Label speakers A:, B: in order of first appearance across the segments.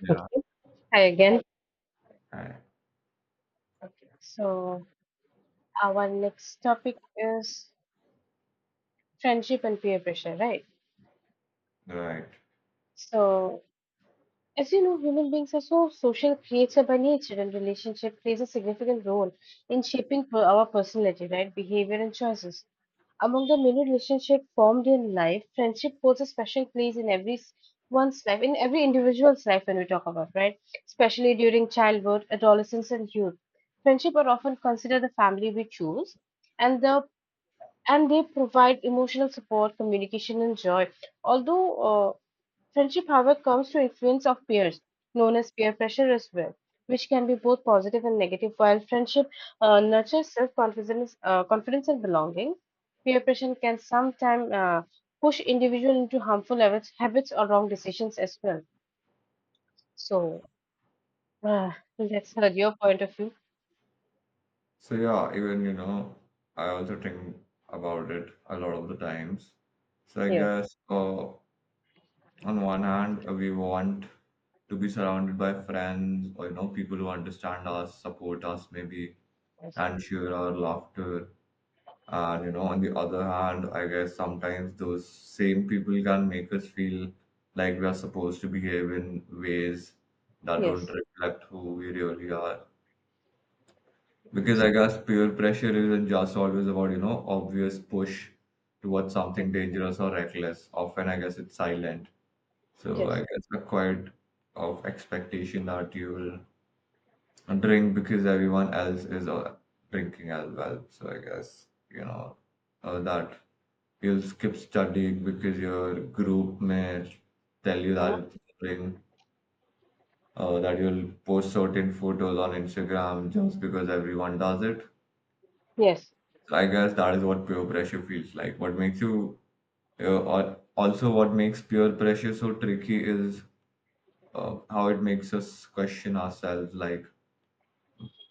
A: Yeah,
B: Hi again.
A: right,
B: So, our next topic is friendship and peer pressure, right?
A: right.
B: So, as you know, human beings are so social creature by nature, and relationship plays a significant role in shaping our personality, right? Behavior and choices. Among the many relationships formed in life, friendship holds a special place in one's life, in every individual's life when we talk about, right? Especially during childhood, adolescence, and youth. Friendship are often considered the family we choose and the and they provide emotional support, communication, and joy. Although uh, friendship, however, comes to influence of peers, known as peer pressure as well, which can be both positive and negative. While friendship nurtures self-confidence, confidence and belonging, peer pressure can sometimes push individual into harmful habits, or wrong decisions as well. So uh, that's your point of view.
A: So yeah, I also think about it a lot of the times. So I
B: Yes,
A: guess on one hand, we want to be surrounded by friends or people who understand us, support us maybe,
B: yes,
A: and share our laughter. And you know, on the other hand, I guess sometimes those same people can make us feel like we are supposed to behave in ways that don't
B: yes,
A: reflect who we really are. Because I guess peer pressure isn't just always about, you know, obvious push towards
B: yes,
A: something dangerous or reckless. Often, I guess it's silent. So I
B: yes,
A: guess a quiet of expectation that you will drink because everyone else is drinking as well. So I guess, that you'll skip studying because your group may tell you
B: huh.
A: that it's boring, that you'll post certain photos on Instagram just because everyone does it.
B: Yes,
A: So I guess that is what peer pressure feels like. What makes also, what makes peer pressure so tricky is how it makes us question ourselves like,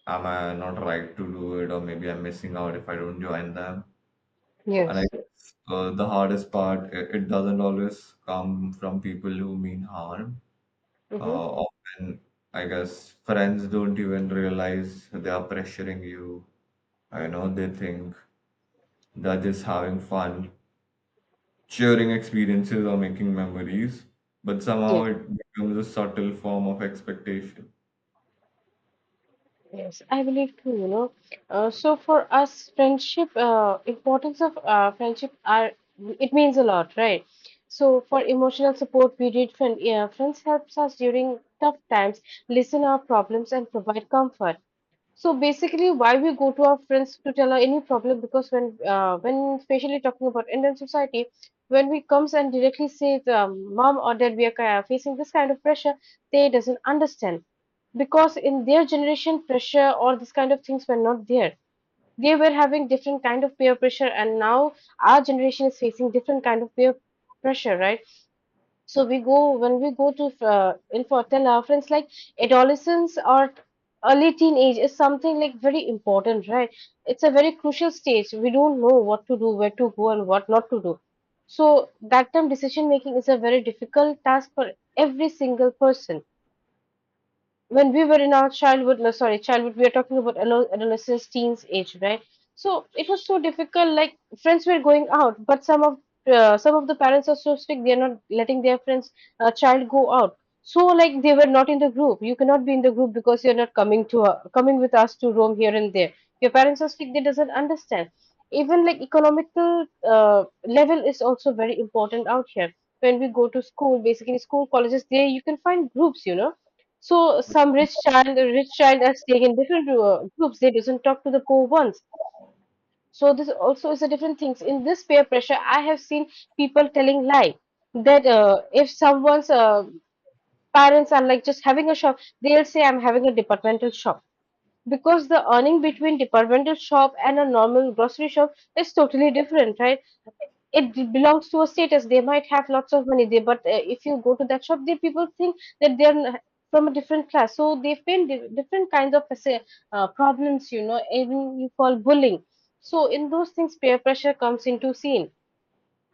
A: am I not right to do it, or maybe I'm missing out if I don't join them? And I
B: yes.
A: guess the hardest part, it doesn't always come from people who mean harm.
B: Hmm.
A: Often, I guess friends don't even realize they are pressuring you. I know they think they're just having fun sharing experiences or making memories, but somehow it becomes a subtle form of expectation.
B: Yes, I believe too, you know. So for us, friendship, importance of friendship are it means a lot, right? So for emotional support, we need friend, yeah, friends helps us during tough times, listen our problems, and provide comfort. So basically, why we go to our friends to tell her any problem? Because when especially talking about Indian society, when we comes and directly say, it, "Mom or Dad, we are facing this kind of pressure," they doesn't understand because in their generation, pressure or this kind of things were not there. They were having different kind of peer pressure, and now our generation is facing different kind of peer pressure, right? So we go when we go to in for then our friends like adolescence or early teenage is something like very important, right? It's a very crucial stage. We don't know what to do, where to go, and what not to do. So that time decision making is a very difficult task for every single person when we were in our childhood, no, sorry, childhood, we are talking about adolescence, teens age, right? So it was so difficult. Like friends were going out, but some of the parents are so strict; they are not letting their friends child go out. So like they were not in the group. You cannot be in the group because you're not coming to coming with us to roam here and there. Your parents are strict; they doesn't understand. Even like economical level is also very important out here. When we go to school, basically school colleges, there you can find groups, you know, so some rich child are staying in different groups. They doesn't talk to the poor ones. So this also is a different things. In this peer pressure, I have seen people telling lie that if someone's parents are like just having a shop, they'll say I'm having a departmental shop because the earning between departmental shop and a normal grocery shop is totally different, right? It belongs to a status. They might have lots of money there, but if you go to that shop the people think that from a different class, so they face different kinds of problems, you know, even you call bullying. So in those things peer pressure comes into scene.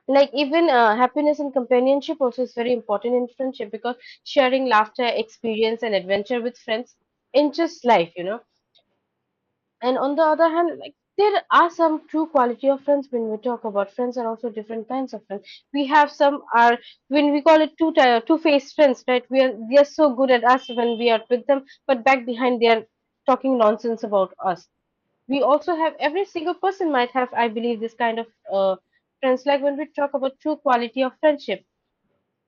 B: Like even happiness and companionship also is very important in friendship because sharing laughter experience and adventure with friends enriches life, you know. And on the other hand, like there are some true quality of friends. When we talk about friends are also different kinds of friends. We have some are when we call it two faced friends, right? We are they are so good at us when we are with them, but back behind they are talking nonsense about us. We also have every single person might have, I believe, this kind of friends. Like when we talk about true quality of friendship,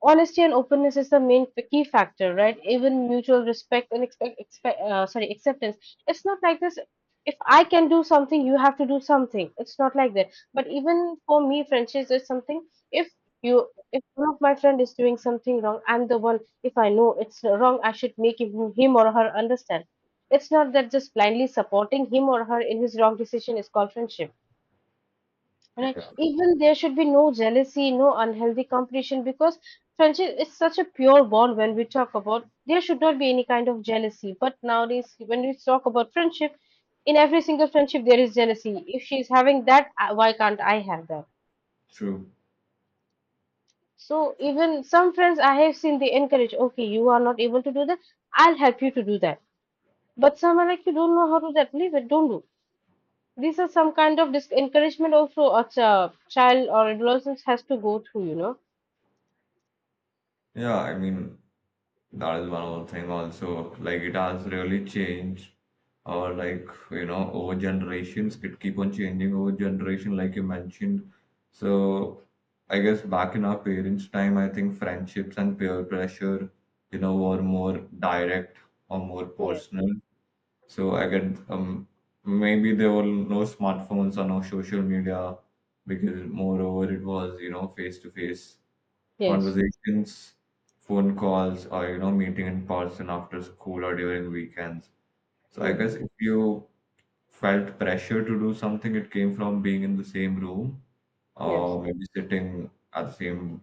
B: honesty and openness is the main key factor, right? Even mutual respect and expect, expect sorry acceptance. It's not like this. If I can do something you have to do something, it's not like that. But even for me friendships is something, if you if one of my friend is doing something wrong, I'm the one. If I know it's wrong I should make him or her understand. It's not that just blindly supporting him or her in his wrong decision is called friendship. Right. Even there should be no jealousy, no unhealthy competition because friendship is such a pure bond. When we talk about, there should not be any kind of jealousy. But nowadays, when we talk about friendship, in every single friendship there is jealousy. If she's having that, why can't I have that?
A: True.
B: So even some friends I have seen they encourage, okay, you are not able to do that, I'll help you to do that. But some are like, you don't know how to do that, leave it, don't do. These are some kind of dis encouragement also a child or adolescent has to go through, you
A: Yeah, I mean, that is one more thing also. Like, it has really changed, or like, you know, over generations, it keep on changing over generation, like you mentioned. So, I guess back in our parents' time, I think friendships and peer pressure, you know, were more direct or more
B: know.
A: personal. So I get maybe there were no smartphones or no social media because moreover it was you know face to face
B: Yes.
A: conversations, phone calls, or you know meeting in person after school or during weekends. So I guess
B: Hmm.
A: if you felt pressure to do something, it came from being in the same room
B: Yes.
A: or maybe sitting at the same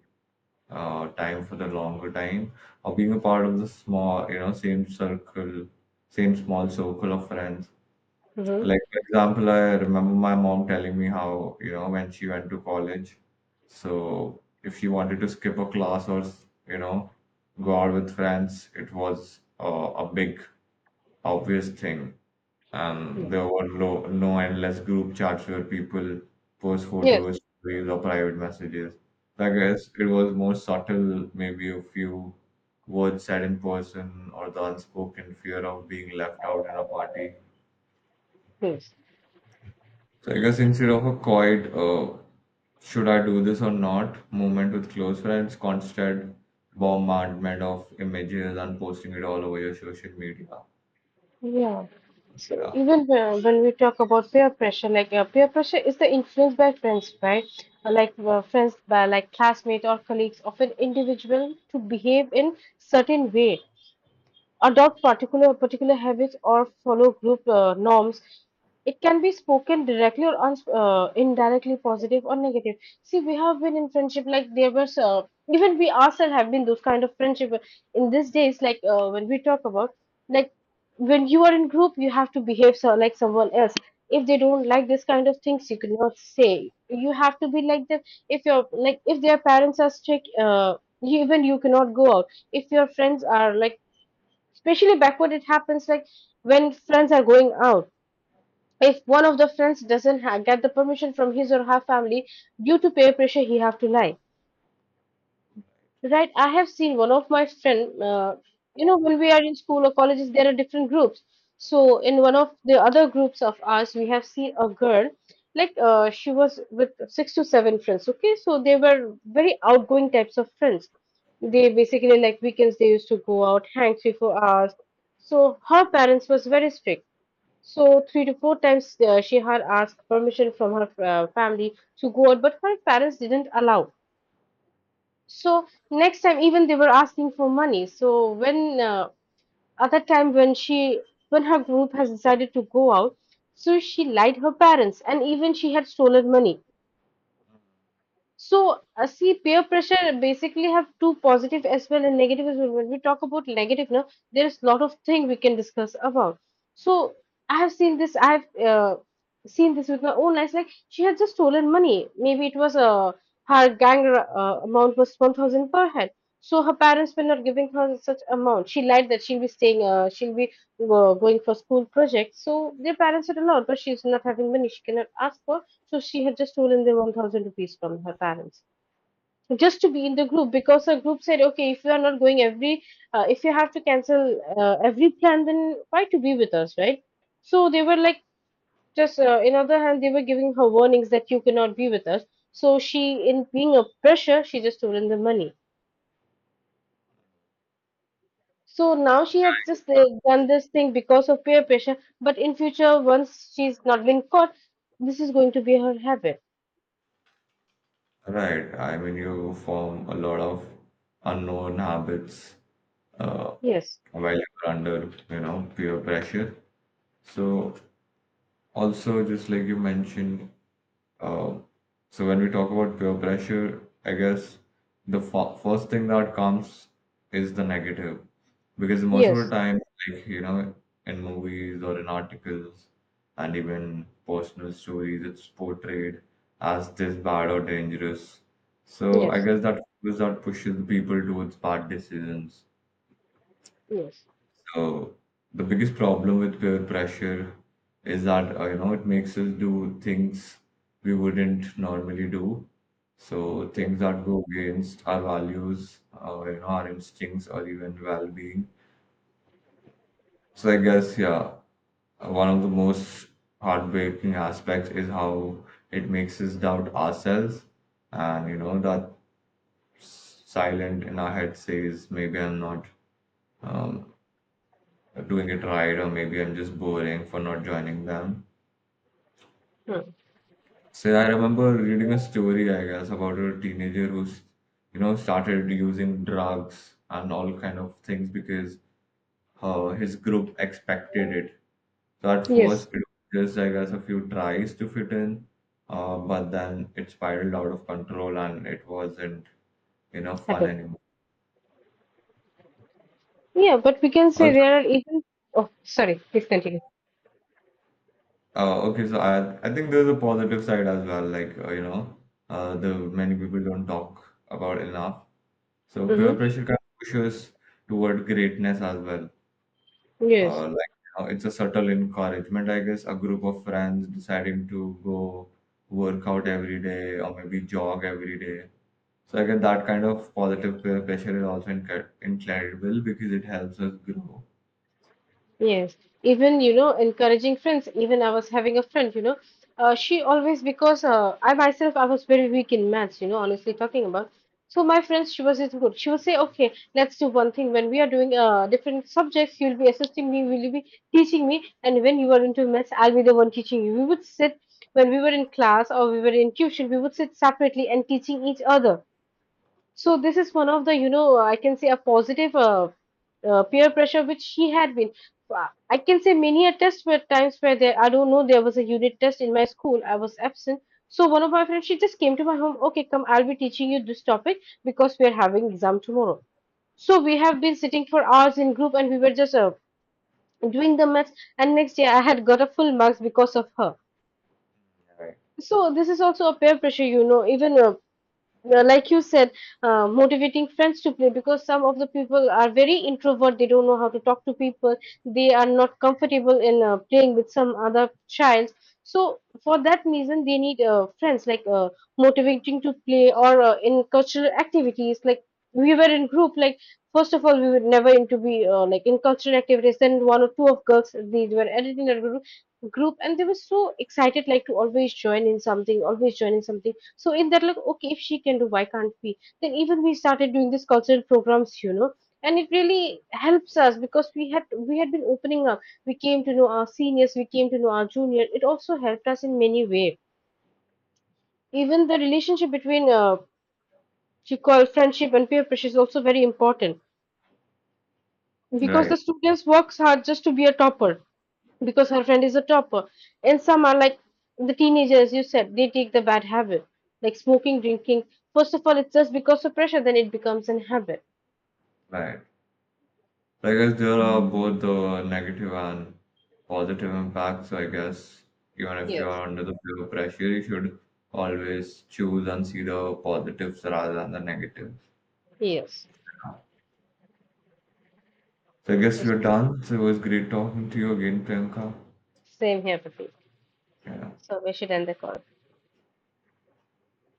A: time for the longer time, or being a part of the small, same circle, same small circle of friends.
B: Hmm.
A: Like, for example, I remember my mom telling me how, you know, when she went to college, so if she wanted to skip a class or, you know, go out with friends, it was a big, obvious thing. And there were no endless group chats where people post
B: Yes.
A: photos, stories, or private messages. So I guess it was more subtle, maybe a few words said in person or the unspoken fear of being left out in a party.
B: Yes.
A: So I guess instead of a quiet should I do this or not moment with close friends, constant bombardment of images and posting it all over your social media.
B: Yeah. So
A: Yeah.
B: even when we talk about peer pressure, like peer pressure is the influence by friends, right? Like friends by like classmates or colleagues of an individual to behave in certain way, adopt particular habits or follow group norms. It can be spoken directly or uns indirectly, positive or negative. See, we have been in friendship like there was even we ourselves have been those kind of friendship in these days. Like when we talk about, like, when you are in group you have to behave so, like someone else. If they don't like this kind of things you cannot say, you have to be like them. If your like if their parents are strict, you, even you cannot go out if your friends are like, especially back when it happens, like when friends are going out, if one of the friends doesn't ha- get the permission from his or her family, due to peer pressure he have to lie. Right, I have seen one of my friend. You know, when we are in school or colleges, there are different groups. So in one of the other groups of ours, we have seen a girl. Like she was with six to seven friends. Okay, so they were very outgoing types of friends. They basically like weekends they used to go out, hang 3-4 hours. So her parents was very strict. So three to four times she had asked permission from her family to go out, but her parents didn't allow. So next time, even they were asking for money. So when at that time when her group has decided to go out, so she lied her parents and even she had stolen money. So, see, peer pressure basically have two positive as well and negative as well. When we talk about negative, now there is a lot of thing we can discuss about. So, I have seen this. I have seen this with my own eyes. Like she had just stolen money. Maybe it was her gang amount was 1,000 per head. So her parents were not giving her such amount. She lied that she'll be staying. She'll be going for school projects. So their parents had allowed, but she's not having money. She cannot ask for, so she had just stolen the 1000 rupees from her parents just to be in the group because her group said, okay, if you are not going every, if you have to cancel every plan, then why to be with us, right? So they were like, just in other hand, they were giving her warnings that you cannot be with us. So she, in being a pressure, she just stolen the money. So now she has just done this thing because of peer pressure. But in future, once she's not been caught, this is going to be her habit.
A: Right. I mean, you form a lot of unknown habits uh,
B: Yes,
A: while you're under, you know, peer pressure. So also, just like you mentioned, Um, so when we talk about peer pressure, I guess the f first thing that comes is the negative, because most of the
B: yes,
A: time, like you know, in movies or in articles, and even personal stories, it's portrayed as this bad or dangerous. So I
B: yes, yes.
A: guess that is that pushes people towards bad decisions.
B: Yes.
A: So the biggest problem with peer pressure is that you know it makes us do things we wouldn't normally do. So things that go against our values, our you know, our instincts, or even well-being. So I guess yeah, one of the most heartbreaking aspects is how it makes us doubt ourselves, and you know that silent in our head says maybe I'm not um, doing it right, or maybe I'm just boring for not joining them.
B: Hmm.
A: So I remember reading a story, I guess, about a teenager who's, you know, started using drugs and all kind of things because his group expected it. So at
B: Yes,
A: first, it was just, I guess, a few tries to fit in, but then it spiraled out of control and it wasn't, you know, fun
B: hello.
A: anymore.
B: Yeah, but we can say
A: Also,
B: there are even. Oh, sorry. Please continue.
A: okay, so I think there's a positive side as well, like, the many people don't talk about enough. So peer
B: Mm-hmm.
A: pressure can push us toward greatness as well.
B: Yes.
A: Like it's a subtle encouragement, I guess. A group of friends deciding to go work out every day or maybe jog every day. So I guess that kind of positive peer pressure is also incredible because it helps us grow.
B: Yes, even you know, encouraging friends. Even I was having a friend, you know, she always because I myself I was very weak in maths, you know, honestly talking about. So my friends, she was is good. She would say, okay, let's do one thing. When we are doing different subjects, you'll be assisting me, will you be teaching me, and when you are into maths, I'll be the one teaching you. We would sit when we were in class or we were in tuition, we would sit separately and teaching each other. So this is one of the, you know, I can say a positive peer pressure which she had been. I can say many a test were times where there, I don't know, there was a unit test in my school. I was absent. So one of my friends, she just came to my home. Okay, come, I'll be teaching you this topic because we are having exam tomorrow. So we have been sitting for hours in group and we were just doing the maths. And next day I had got a full marks because of her.
A: Right.
B: So this is also a peer pressure, you know, even yeah, like you said, motivating friends to play because some of the people are very introvert. They don't know how to talk to people. They are not comfortable in playing with some other child. So for that reason, they need friends like motivating to play or in cultural activities. Like we were in group. Like first of all, we were never into be like in cultural activities. Then one or two of girls they were added in a group, and they were so excited like to always join in something, always join in something. So in that, like, okay, if she can do, why can't we? Then even we started doing these cultural programs, you know, and it really helps us because we had been opening up. We came to know our seniors, we came to know our juniors. It also helped us in many ways. Even the relationship between she called friendship and peer pressure is also very important because
A: Right.
B: the students works hard just to be a topper because her friend is a topper. And some are like the teenagers you said they take the bad habit like smoking drinking. First of all it's just because of pressure, then it becomes an habit.
A: Right. So I guess there are both the negative and positive impacts. So I guess even if you
B: Yes.
A: are under the peer pressure, you should always choose and see the positives rather than the negatives.
B: Yes,
A: So I guess
B: okay,
A: we're done. So it was great talking to you again, Priyanka.
B: same here, Pratik.
A: Yeah.
B: So we should end the call.